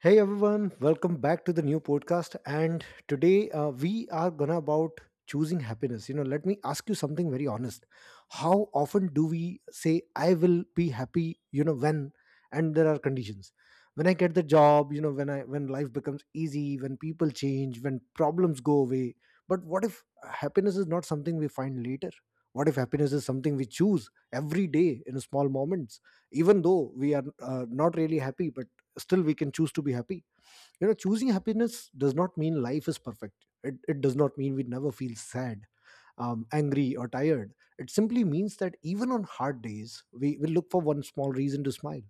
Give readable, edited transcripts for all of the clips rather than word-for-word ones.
Hey everyone, welcome back to the new podcast. And today we are gonna about choosing happiness. You know, let me ask you something very honest. How often do we say I will be happy? And there are conditions. When I get the job, when life becomes easy, when people change, when problems go away. But what if happiness is not something we find later? What if happiness is something we choose every day in small moments? Even though we are not really happy, but still we can choose to be happy. Choosing happiness does not mean life is perfect. It does not mean we never feel sad, angry or tired. It simply means that even on hard days we will look for one small reason to smile.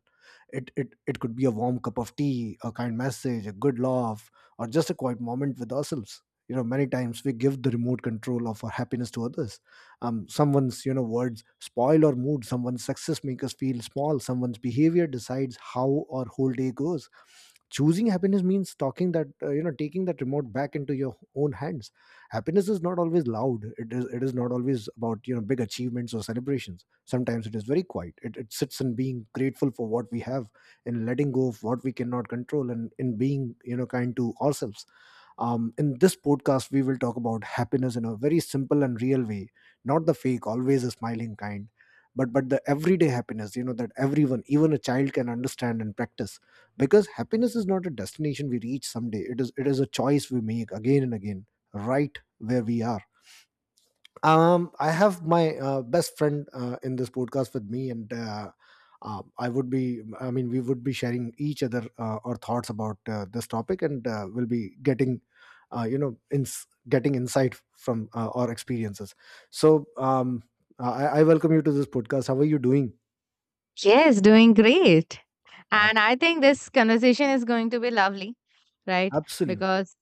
It could be a warm cup of tea, a kind message, a good laugh, or just a quiet moment with ourselves. Many times we give the remote control of our happiness to others. Someone's words spoil our mood. Someone's success make us feel small. Someone's behavior decides how our whole day goes. Choosing happiness means talking that you know taking that remote back into your own hands. Happiness is not always loud. It is not always about big achievements or celebrations. Sometimes it is very quiet. It sits in being grateful for what we have, in letting go of what we cannot control, and in being kind to ourselves. In this podcast, we will talk about happiness in a very simple and real way, not the fake, always a smiling kind, but the everyday happiness. You know that everyone, even a child, can understand and practice, because happiness is not a destination we reach someday. It is a choice we make again and again, right where we are. I have my best friend in this podcast with me, and I would be I mean we would be sharing each other our thoughts about this topic, and we'll be getting insight from our experiences. So I welcome you to this podcast. How are you doing? Yes, doing great. Ab- And I think this conversation is going to be lovely, right? absolutely Because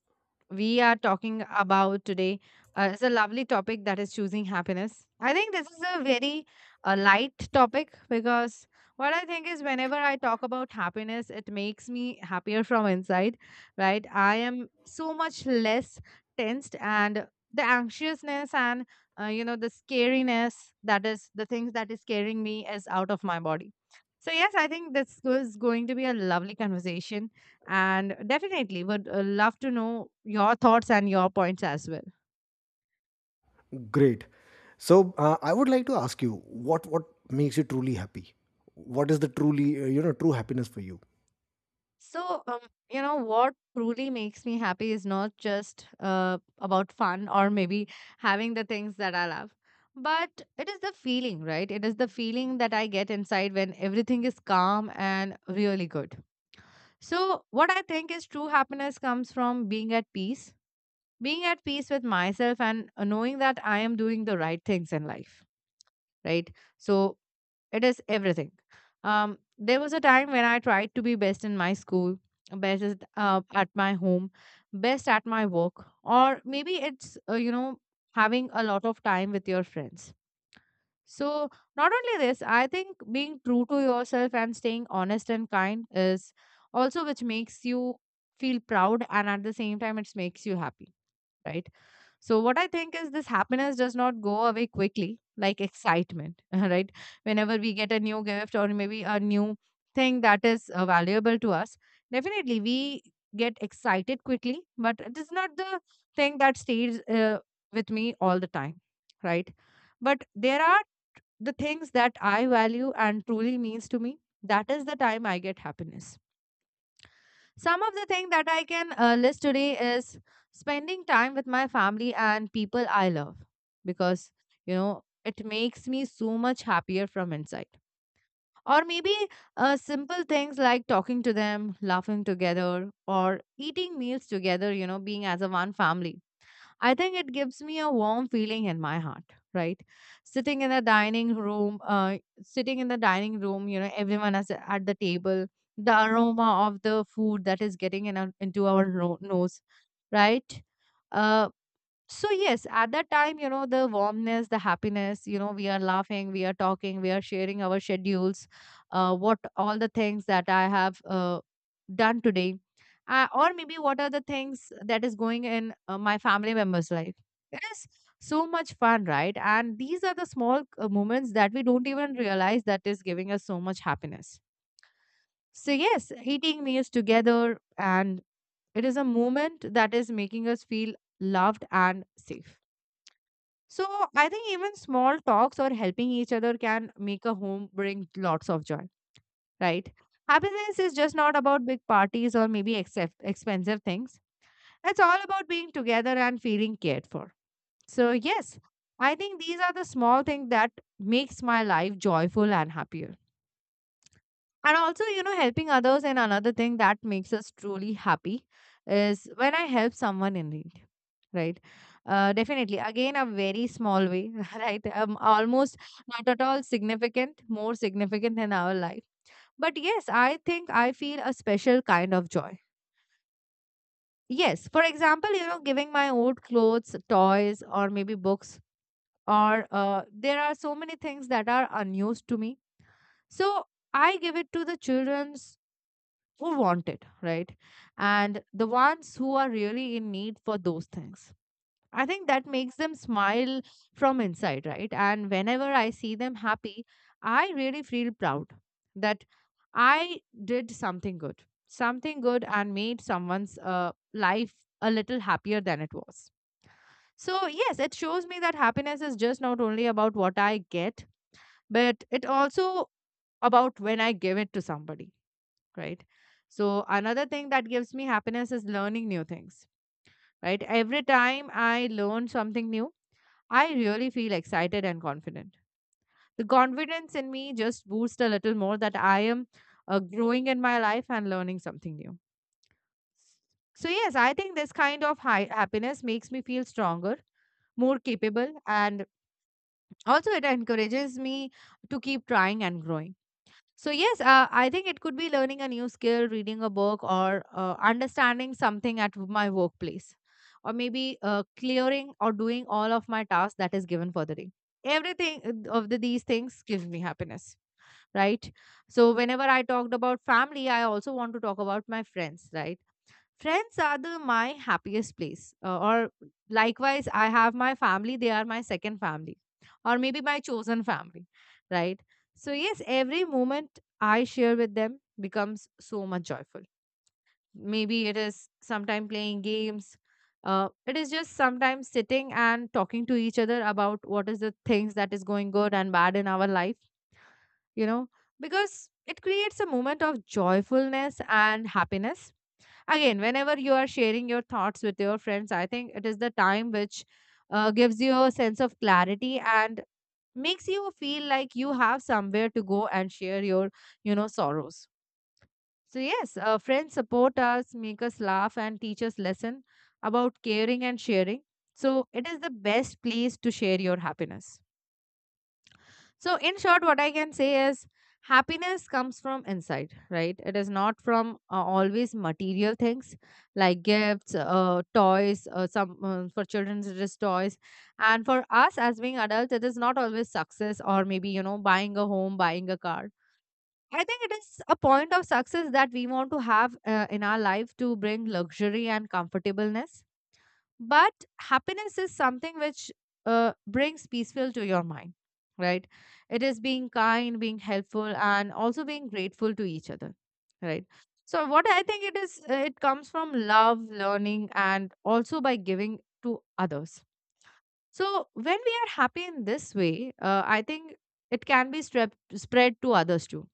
we are talking about today is a lovely topic that is choosing happiness. I think this is a very light topic because what I think is whenever I talk about happiness, it makes me happier from inside, right? I am so much less tensed and the anxiousness and you know the scariness that is the things that is scaring me is out of my body. So yes, I think this is going to be a lovely conversation and definitely would love to know your thoughts and your points as well. Great. So I would like to ask you, what makes you truly happy. What is the truly you know true happiness for you? So, you know, what truly makes me happy is not just about fun or maybe having the things that I love, but it is the feeling, right? It is the feeling that I get inside when everything is calm and really good. So, what I think is true happiness comes from being at peace with myself, and knowing that I am doing the right things in life, right? So, it is everything. There was a time when I tried to be best in my school, at my home, best at my work, or maybe it's, you know, having a lot of time with your friends. So, not only this, I think being true to yourself and staying honest and kind is also which makes you feel proud and at the same time, it makes you happy, right? So, what I think is this happiness does not go away quickly, like excitement, right? Whenever we get a new gift or maybe a new thing that is valuable to us, definitely we get excited quickly, but it is not the thing that stays with me all the time, right? But there are the things that I value and truly means to me. That is the time I get happiness. Some of the things that I can list today is spending time with my family and people I love because, you know, it makes me so much happier from inside. Or maybe simple things like talking to them, laughing together, or eating meals together, you know, being as a one family. I think it gives me a warm feeling in my heart, right? Sitting in the dining room, you know, everyone is at the table, the aroma of the food that is getting in into our nose, right? Uh, so yes, at that time, you know, the warmness, the happiness, you know, we are laughing, we are talking, we are sharing our schedules, what all the things that I have done today, or maybe what are the things that is going in my family members' life. It is so much fun, right? And these are the small moments that we don't even realize that is giving us so much happiness. So yes, eating meals together, and it is a moment that is making us feel loved and safe. So I think even small talks or helping each other can make a home bring lots of joy, right? Happiness is just not about big parties or maybe except expensive things. It's all about being together and feeling cared for. So yes, I think these are the small things that makes my life joyful and happier. And also, you know, helping others and another thing that makes us truly happy is when I help someone in need. Right. Definitely. Again, a very small way, right? Almost not at all significant, more significant in our life. But yes, I think I feel a special kind of joy. Yes. For example, you know, giving my old clothes, toys, or maybe books, or there are so many things that are unused to me. So I give it to the children who want it, right? And the ones who are really in need for those things. I think that makes them smile from inside, right? And whenever I see them happy, I really feel proud that I did something good and made someone's life a little happier than it was. So, yes, it shows me that happiness is just not only about what I get, but it also about when I give it to somebody, right? So, another thing that gives me happiness is learning new things, right? Every time I learn something new, I really feel excited and confident. The confidence in me just boosts a little more that I am growing in my life and learning something new. So, yes, I think this kind of high happiness makes me feel stronger, more capable, and also it encourages me to keep trying and growing. So, yes, I think it could be learning a new skill, reading a book, or understanding something at my workplace, or maybe clearing or doing all of my tasks that is given for the day. Everything these things give me happiness, right? So, whenever I talked about family, I also want to talk about my friends, right? Friends are the my happiest place or likewise I have my family. They are my second family, or maybe my chosen family, right? So yes, every moment I share with them becomes so much joyful. Maybe it is sometime playing games, it is just sometimes sitting and talking to each other about what is the things that is going good and bad in our life, you know, because it creates a moment of joyfulness and happiness. Again, whenever you are sharing your thoughts with your friends, I think it is the time which gives you a sense of clarity and makes you feel like you have somewhere to go and share your, you know, sorrows. So yes, friends support us, make us laugh, and teach us lesson about caring and sharing. So it is the best place to share your happiness. So, in short, what I can say is happiness comes from inside, right? It is not from always material things like gifts, toys. Some for children, it is toys, and for us as being adults, it is not always success or maybe you know buying a home, buying a car. I think it is a point of success that we want to have in our life to bring luxury and comfortableness, but happiness is something which brings peaceful to your mind, right? It is being kind, being helpful and also being grateful to each other, right? So what I think it is, it comes from love, learning and also by giving to others. So when we are happy in this way, I think it can be spread to others too.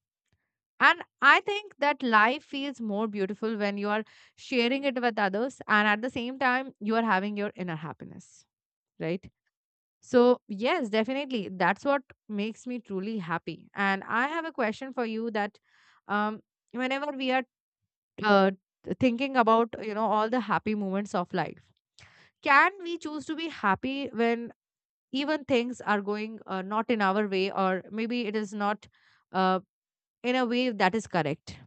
And I think that life feels more beautiful when you are sharing it with others and at the same time you are having your inner happiness, right? So, yes, definitely that's what makes me truly happy. And I have a question for you that, um whenever we are uh, thinking about, you know, all the happy moments of life, can we choose to be happy when even things are going not in our way or maybe it is not uh, in a way that is correct?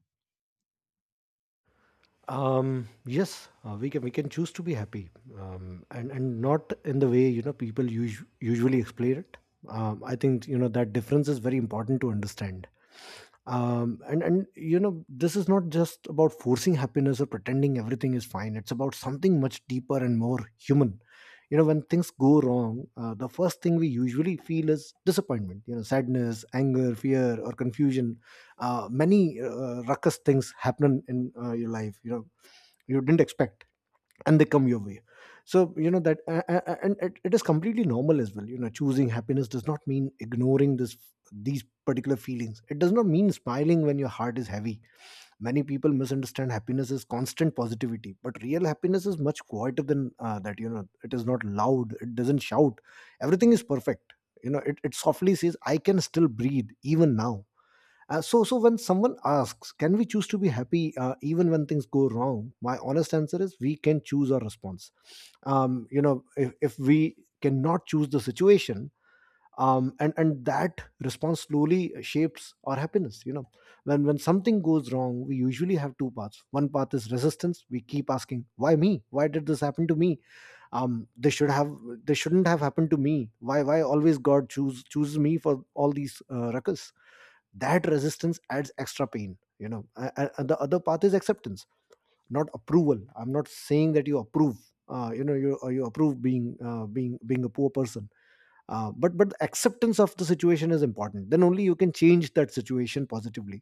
Yes, we can choose to be happy, and not in the way people usually explain it. I think that difference is very important to understand. And this is not just about forcing happiness or pretending everything is fine. It's about something much deeper and more human. You know, when things go wrong, the first thing we usually feel is disappointment. You know, sadness, anger, fear, or confusion. Many ruckus things happen in your life. You know, you didn't expect, and they come your way. So you know that a- a- and it is completely normal as well. Choosing happiness does not mean ignoring this these particular feelings. It does not mean smiling when your heart is heavy. Many people misunderstand happiness as constant positivity, but real happiness is much quieter than that. You know it is not loud. It doesn't shout everything is perfect. It softly says, "I can still breathe even now." So when someone asks, "Can we choose to be happy even when things go wrong?" My honest answer is, we can choose our response. If we cannot choose the situation, and that response slowly shapes our happiness. You know, when something goes wrong, we usually have two paths. One path is resistance. We keep asking, "Why me? Why did this happen to me? Um, they should have, they shouldn't have happened to me. Why always God chooses me for all these ruckus?" That resistance adds extra pain. And the other path is acceptance, not approval. I'm not saying that you approve. Being a poor person. But acceptance of the situation is important. Then only you can change that situation positively.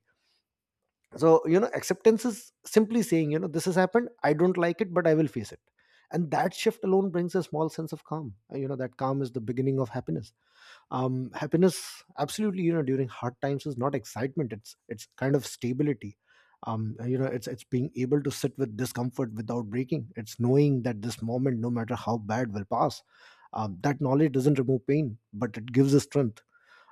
So acceptance is simply saying, "This has happened, I don't like it, but I will face it." And that shift alone brings a small sense of calm. That calm is the beginning of happiness. Happiness absolutely, during hard times, is not excitement. It's kind of stability. It's being able to sit with discomfort without breaking. It's knowing that this moment, no matter how bad, will pass. That knowledge doesn't remove pain, but it gives us strength.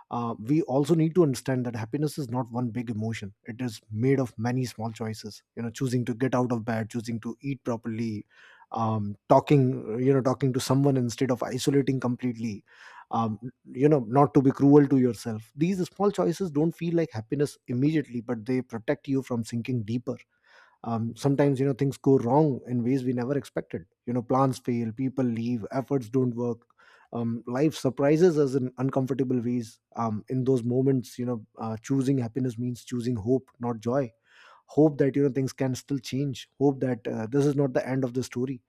We also need to understand that happiness is not one big emotion. It is made of many small choices. Choosing to get out of bed, choosing to eat properly. Um, talking you know talking to someone instead of isolating completely. Um, you know not to be cruel to yourself. These small choices don't feel like happiness immediately, but they protect you from sinking deeper. Sometimes, things go wrong in ways we never expected. Plans fail, people leave, efforts don't work. Life surprises us in uncomfortable ways. In those moments, choosing happiness means choosing hope, not joy. Hope that, things can still change. Hope that, this is not the end of the story.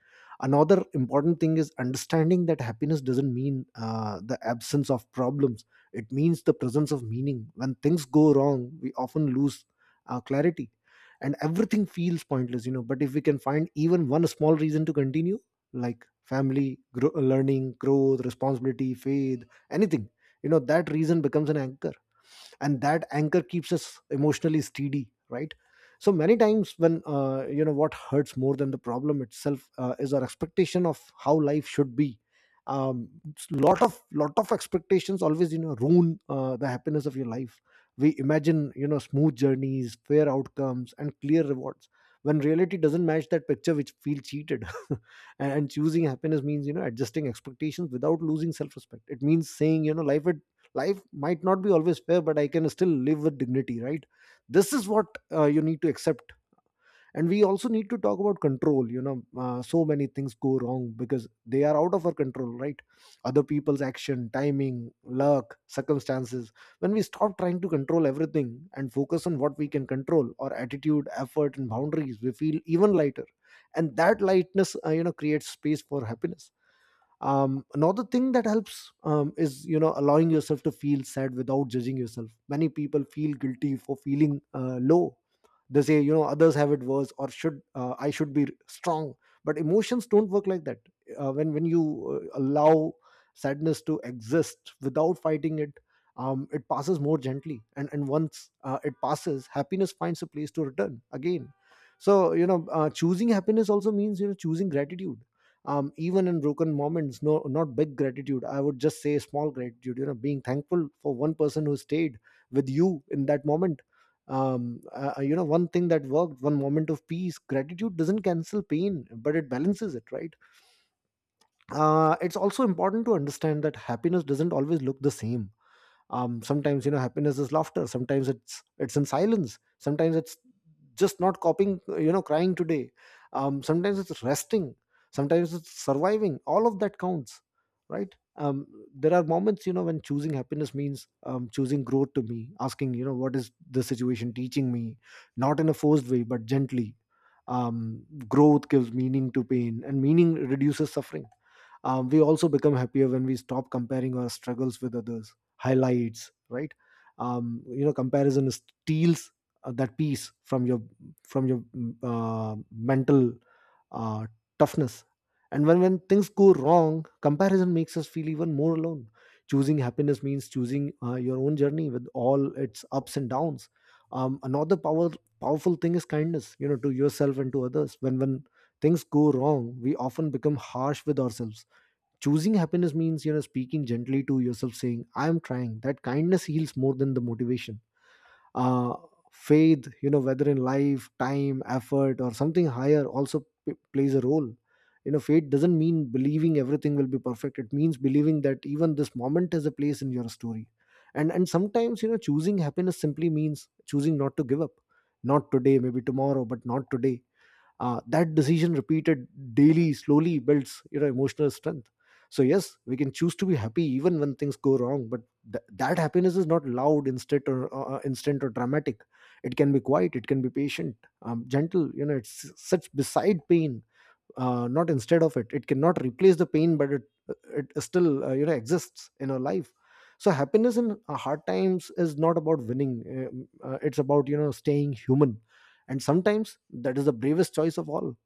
Another important thing is understanding that happiness doesn't mean the absence of problems. It means the presence of meaning. When things go wrong, we often lose clarity, and everything feels pointless. But if we can find even one small reason to continue, like family, learning, growth, responsibility, faith, anything, that reason becomes an anchor. And that anchor keeps us emotionally steady, right? So many times when, what hurts more than the problem itself, is our expectation of how life should be. Um, lot of lot of expectations always, ruin the happiness of your life. We imagine, smooth journeys, fair outcomes, and clear rewards. When reality doesn't match that picture, which feel cheated. And choosing happiness means, adjusting expectations without losing self-respect. It means saying, Life might not be always fair, but I can still live with dignity," right? This is what you need to accept. And we also need to talk about control. So many things go wrong because they are out of our control, right? Other people's action, timing, luck, circumstances. When we stop trying to control everything and focus on what we can control, our attitude, effort and boundaries, we feel even lighter. And that lightness creates space for happiness. Another thing that helps, is, allowing yourself to feel sad without judging yourself. Many people feel guilty for feeling low. They say, others have it worse, or should I should be strong. But emotions don't work like that. When you allow sadness to exist without fighting it, it passes more gently, and once it passes, happiness finds a place to return again. So choosing happiness also means, choosing gratitude, even in broken moments. No, not big gratitude, I would just say small gratitude. Being thankful for one person who stayed with you in that moment. One thing that worked, one moment of peace. Gratitude doesn't cancel pain, but it balances it, right? It's also important to understand that happiness doesn't always look the same. Sometimes, happiness is laughter, sometimes it's in silence, sometimes it's just not copying, crying today. Sometimes it's resting, sometimes it's surviving. All of that counts, right? There are moments, when choosing happiness means, choosing growth, to me asking, what is the situation teaching me, not in a forced way but gently. Growth gives meaning to pain, and meaning reduces suffering. We also become happier when we stop comparing our struggles with others highlights, right? Comparison steals that peace from your mental uh, toughness. And when things go wrong, comparison makes us feel even more alone. Choosing happiness means choosing your own journey with all its ups and downs. Another powerful thing is kindness, to yourself and to others, when things Go wrong, we often become harsh with ourselves. Choosing happiness means, speaking gently to yourself, saying, I am trying. That kindness heals more than the motivation. uh, Faith, whether in life, time, effort, or something higher, also plays a role. Faith doesn't mean believing everything will be perfect. It means believing that even this moment has a place in your story. And sometimes, choosing happiness simply means choosing not to give up. Not today, maybe tomorrow, but not today. That decision repeated daily slowly builds, emotional strength. So yes, we can choose to be happy even when things go wrong, but that happiness is not loud, instant, or instant or dramatic. It can be quiet, it can be patient, gentle. It's such beside pain, not instead of it. It cannot replace the pain, but it still, exists in our life. So happiness in hard times is not about winning. It's about, staying human. And sometimes that is the bravest choice of all.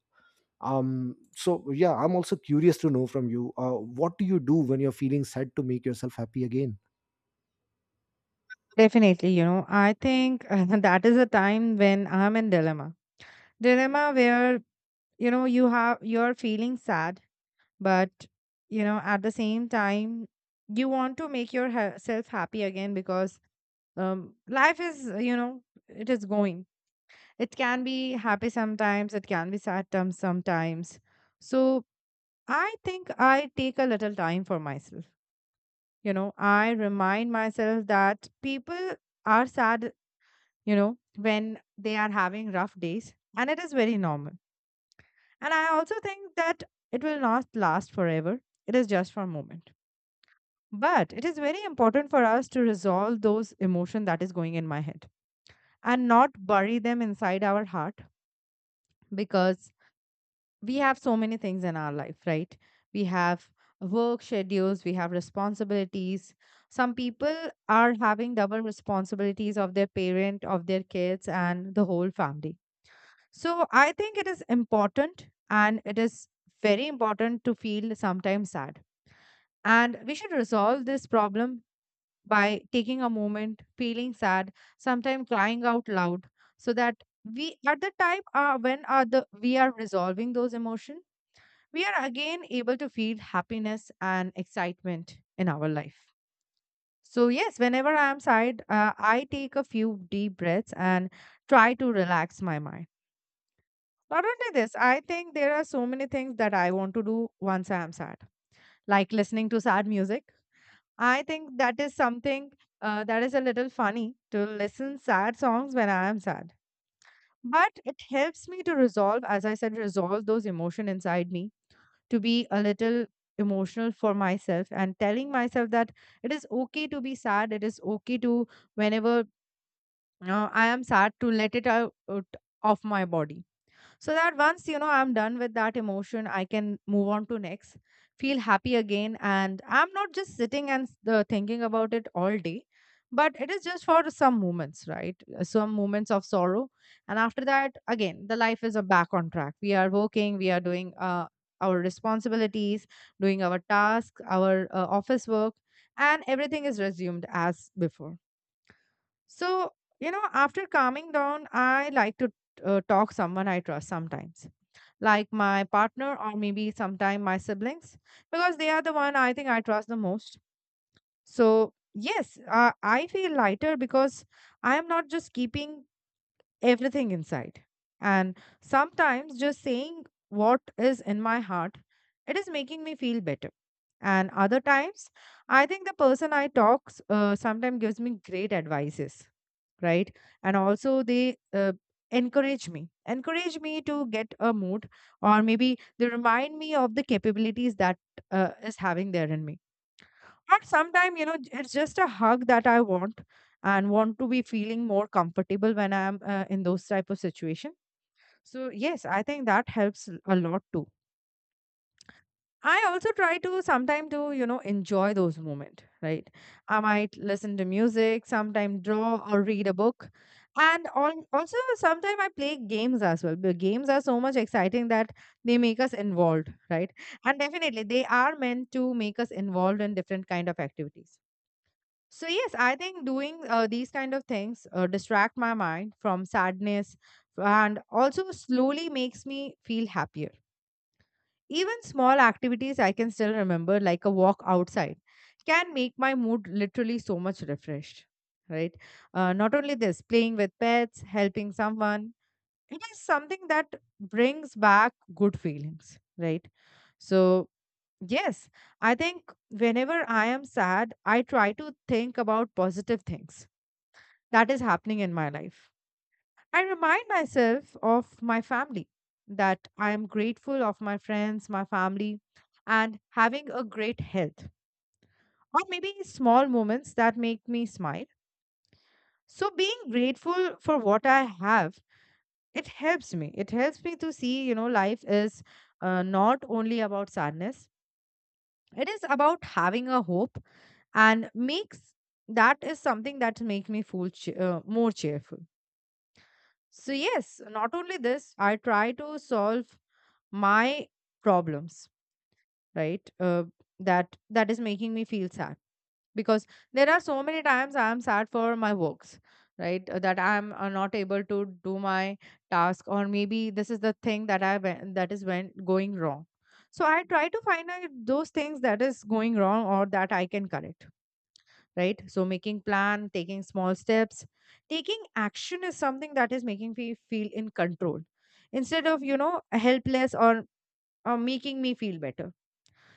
So yeah, I'm also curious to know from you, what do you do when you're feeling sad to make yourself happy again? Definitely, you know, I think that is a time when I'm in dilemma. Dilemma where, you know, you're feeling sad, but you know, at the same time you want to make yourself happy again because life is, you know, it is going. It can be happy sometimes, it can be sad times sometimes. So I think I take a little time for myself. You know, I remind myself that people are sad, you know, when they are having rough days, and it is very normal. And I also think that it will not last forever. It is just for a moment. But it is very important for us to resolve those emotion that is going in my head and not bury them inside our heart because we have so many things in our life, right? We have work schedules, we have responsibilities. Some people are having double responsibilities of their parent, of their kids, and the whole family. So I think it is important and it is very important to feel sometimes sad. And we should resolve this problem by taking a moment, feeling sad, sometimes crying out loud, so that we at the time when are the we are resolving those emotions, we are again able to feel happiness and excitement in our life. So, yes, whenever I am sad, I take a few deep breaths and try to relax my mind. Not only this, I think there are so many things that I want to do once I am sad, like listening to sad music. I think that is something that is a little funny to listen sad songs when I am sad. But it helps me to resolve, as I said, resolve those emotion inside me to be a little emotional for myself and telling myself that it is okay to be sad, it is okay to, whenever I am sad, to let it out of my body so that once I'm done with that emotion I can move on to next, feel happy again, and I'm not just sitting and thinking about it all day. But it is just for some moments, right? Some moments of sorrow, and after that again the life is back on track. We are working, we are doing our responsibilities, doing our tasks, our office work, and everything is resumed as before. So, you know, after calming down I like to talk someone I trust sometimes, like my partner or maybe sometime my siblings, because they are the one I think I trust the most. So yes, I feel lighter because I am not just keeping everything inside. And sometimes just saying what is in my heart, it is making me feel better. And other times, I think the person I talks sometimes gives me great advices, right? And also they encourage me to get a mood, or maybe they remind me of the capabilities that is having there in me. And sometimes, you know, it's just a hug that I want and want to be feeling more comfortable when I'm in those type of situation. So yes, I think that helps a lot too. I also try to sometimes to, you know, enjoy those moments, right? I might listen to music, sometimes draw or read a book. And also sometimes I play games as well. The games are so much exciting that they make us involved, right? And definitely they are meant to make us involved in different kind of activities. So yes, I think doing these kind of things distract my mind from sadness and also slowly makes me feel happier. Even small activities I can still remember, like a walk outside, can make my mood literally so much refreshed, right? Not only this, playing with pets, helping someone, it is something that brings back good feelings, right? So yes, I think whenever I am sad, I try to think about positive things that is happening in my life. I remind myself of my family, that I am grateful of my friends, my family, and having a great health, or maybe small moments that make me smile. So being grateful for what I have, it helps me. It helps me to see, you know, life is not only about sadness. It is about having a hope and makes, that is something that make me feel more cheerful. So, yes, not only this, I try to solve my problems, right? That is making me feel sad because there are so many times I am sad for my works, right? That I am not able to do my task, or maybe this is the thing that I went, that is when going wrong. So I try to find out those things that is going wrong or that I can correct, right? So making plan, taking small steps, taking action is something that is making me feel in control instead of, you know, helpless, or making me feel better.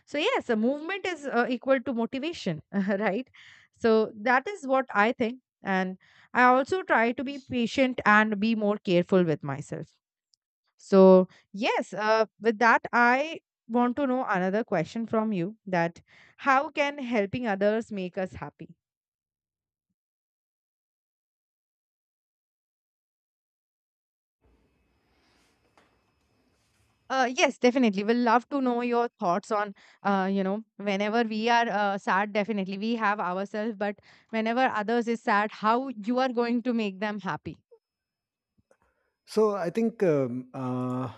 So yes, a movement is equal to motivation right? So that is what I think. And I also try to be patient and be more careful with myself. So yes, with that I want to know another question from you, that how can helping others make us happy? Yes, definitely. We'll love to know your thoughts on, you know, whenever we are sad, definitely we have ourselves, but whenever others is sad, how you are going to make them happy. So I think,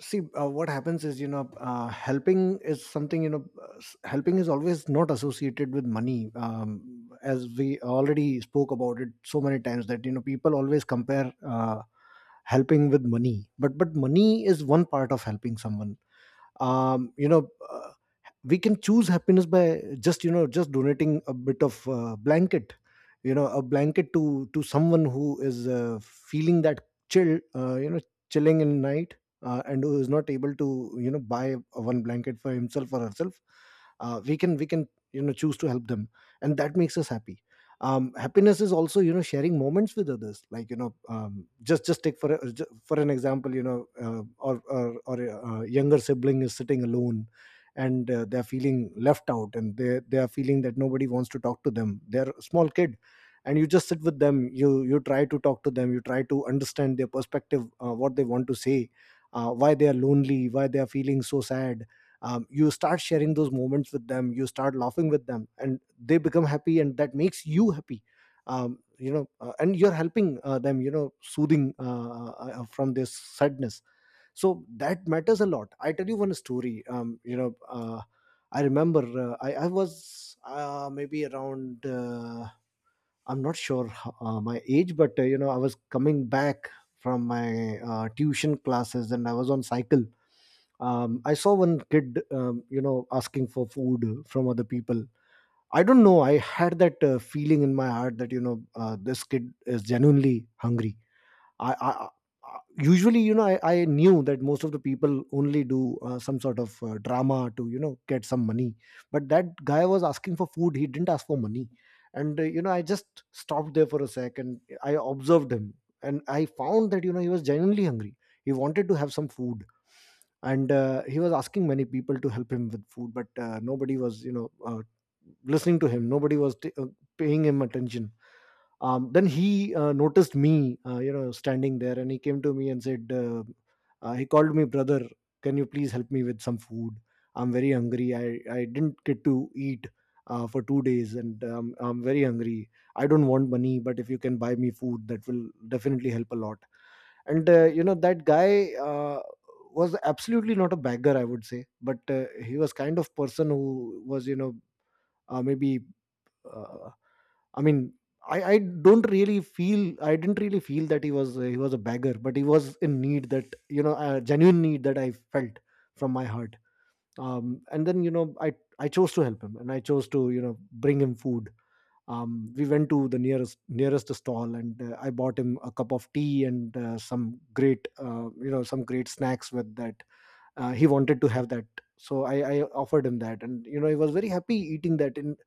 see what happens is, you know helping is something helping is always not associated with money, as we already spoke about it so many times, that people always compare helping with money. But money is one part of helping someone. um, you know uh, we can choose happiness by just, just donating a bit of blanket, a blanket to someone who is feeling that chill, chilling in night, and who is not able to, buy a one blanket for himself or herself. We can, choose to help them, and that makes us happy. Happiness is also, sharing moments with others. Like, just take for an example, you know or a, younger sibling is sitting alone, and they're feeling left out, and they are feeling that nobody wants to talk to them. They're a small kid, and you just sit with them. You try to talk to them, you try to understand their perspective, what they want to say, why they are lonely, why they are feeling so sad. You start sharing those moments with them, you start laughing with them, and they become happy, and that makes you happy. And you're helping them, soothing from this sadness. So that matters a lot. I tell you one story. I remember, I was maybe around, I'm not sure my age, but I was coming back from my tuition classes, and I was on cycle. I saw one kid, asking for food from other people. I don't know, I had that feeling in my heart that, this kid is genuinely hungry. I usually, I knew that most of the people only do some sort of drama to, get some money. But that guy was asking for food, he didn't ask for money. And I just stopped there for a sec and I observed him, and I found that, he was genuinely hungry. He wanted to have some food. And he was asking many people to help him with food, but nobody was, listening to him. Nobody was paying him attention. Then he noticed me, standing there, and he came to me and said, he called me brother, can you please help me with some food? I'm very hungry, I didn't get to eat for 2 days, and I'm very hungry. I don't want money, but if you can buy me food, that will definitely help a lot. And, that guy, was absolutely not a beggar, I would say. But he was kind of person who was, maybe Uh, I mean, I don't really feel, I didn't really feel that he was, he was a beggar, but he was in need. That, a genuine need that I felt from my heart. And then, I chose to help him, and I chose to, bring him food. We went to the nearest stall, and I bought him a cup of tea, and some great, some great snacks with that. He wanted to have that, so I offered him that, and, he was very happy eating that. And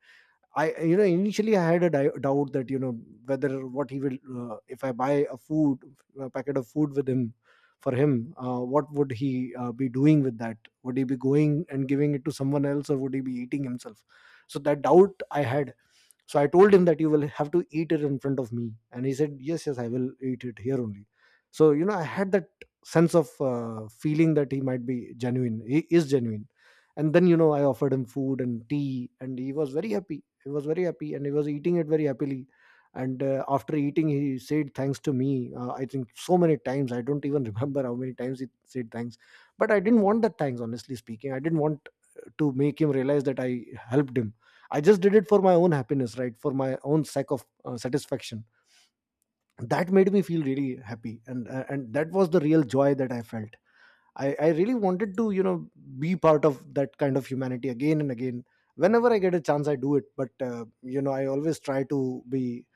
I you know initially I had a doubt that, whether what he will, if I buy a food, a packet of food with him, for him, what would he be doing with that? Would he be going and giving it to someone else, or would he be eating himself? So that doubt I had. So I told him that, you will have to eat it in front of me. And he said, yes, yes, I will eat it here only. So, I had that sense of feeling that he might be genuine, he is genuine. And then, I offered him food and tea, and he was very happy. He was very happy, and he was eating it very happily. And after eating, he said thanks to me. I think so many times, I don't even remember how many times he said thanks. But I didn't want that thanks, honestly speaking. I didn't want to make him realize that I helped him. I just did it for my own happiness, right? For my own sake of satisfaction. That made me feel really happy, and that was the real joy that I felt. I really wanted to, be part of that kind of humanity again and again. Whenever I get a chance, I do it. But I always try to be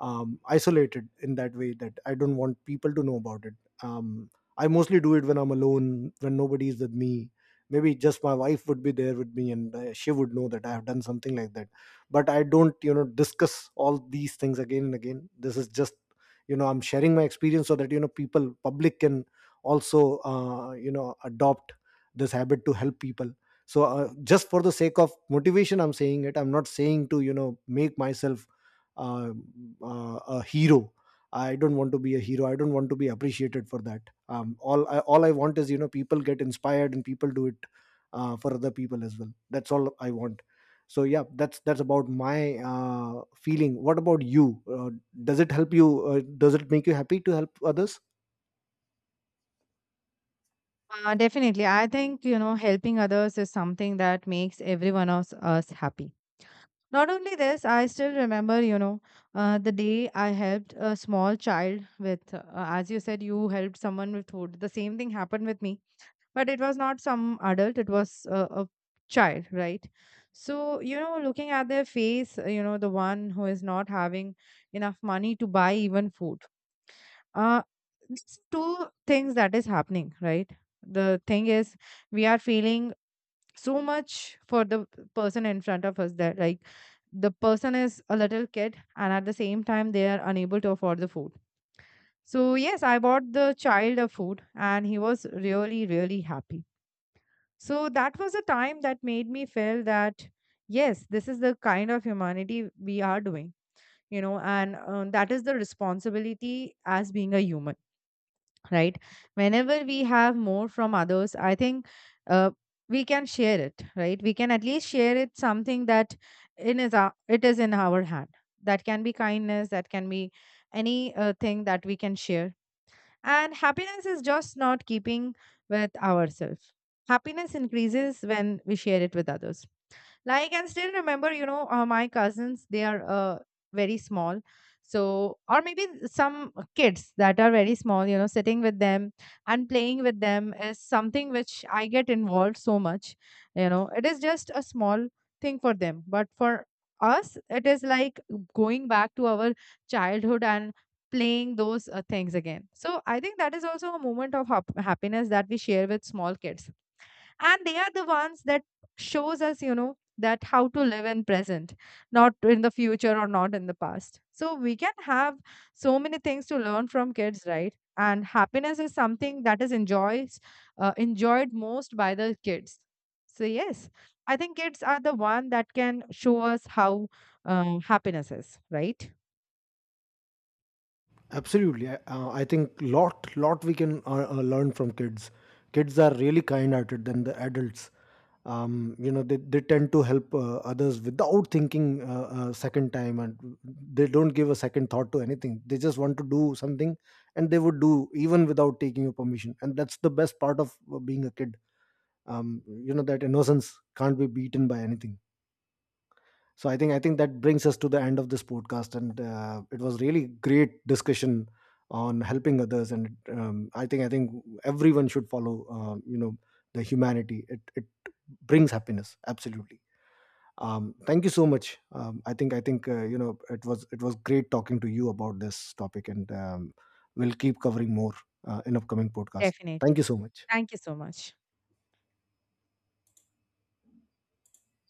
isolated in that way, that I don't want people to know about it. Um, I mostly do it when I'm alone, when nobody is with me. Maybe just my wife would be there with me, and she would know that I have done something like that. But I don't, discuss all these things again and again. This is just, I'm sharing my experience so that, people, public can also, adopt this habit to help people. So just for the sake of motivation, I'm saying it. I'm not saying to, make myself uh, a hero. I don't want to be a hero, I don't want to be appreciated for that. All I want is, people get inspired and people do it for other people as well. That's all I want. So yeah, that's about my feeling. What about you? Does it help you? Does it make you happy to help others? Definitely. I think, you know, helping others is something that makes every one of us happy. Not only this, I still remember, you know, the day I helped a small child with, as you said, you helped someone with food. The same thing happened with me, but it was not some adult, it was a child, right? So, you know, looking at their face, you know, the one who is not having enough money to buy even food. Uh, there's two things that is happening, right? The thing is, we are feeling so much for the person in front of us that, like, the person is a little kid and at the same time they are unable to afford the food. So yes, I bought the child a food and he was really, really happy. So that was a time that made me feel that yes, this is the kind of humanity we are doing, you know. And that is the responsibility as being a human, right? Whenever we have more from others, I think uh, we can share it, right? We can at least share it, something that in is our, it is in our hand. That can be kindness, that can be any thing that we can share. And happiness is just not keeping with ourselves. Happiness increases when we share it with others. Like, I can still remember, you know, my cousins, they are very small, so, or maybe some kids that are very small, you know, sitting with them and playing with them is something which I get involved so much. You know, it is just a small thing for them, but for us it is like going back to our childhood and playing those things again. So I think that is also a moment of happiness that we share with small kids. And they are the ones that shows us, you know, that how to live in present, not in the future or not in the past. So we can have so many things to learn from kids, right? And happiness is something that is enjoys enjoyed most by the kids. So yes, I think kids are the one that can show us how happiness is, right? Absolutely. I think, lot lot we can learn from kids. Kids are really kind-hearted than the adults. They tend to help others without thinking second time, and they don't give a second thought to anything. They just want to do something, and they would do even without taking your permission. And that's the best part of being a kid. That innocence can't be beaten by anything. So I think that brings us to the end of this podcast, and it was really great discussion on helping others. And I think everyone should follow, the humanity. It brings happiness, absolutely. Thank you so much. I think you know it was, it was great talking to you about this topic, and we'll keep covering more in upcoming podcast. Thank Definitely, you so much. thank you so much.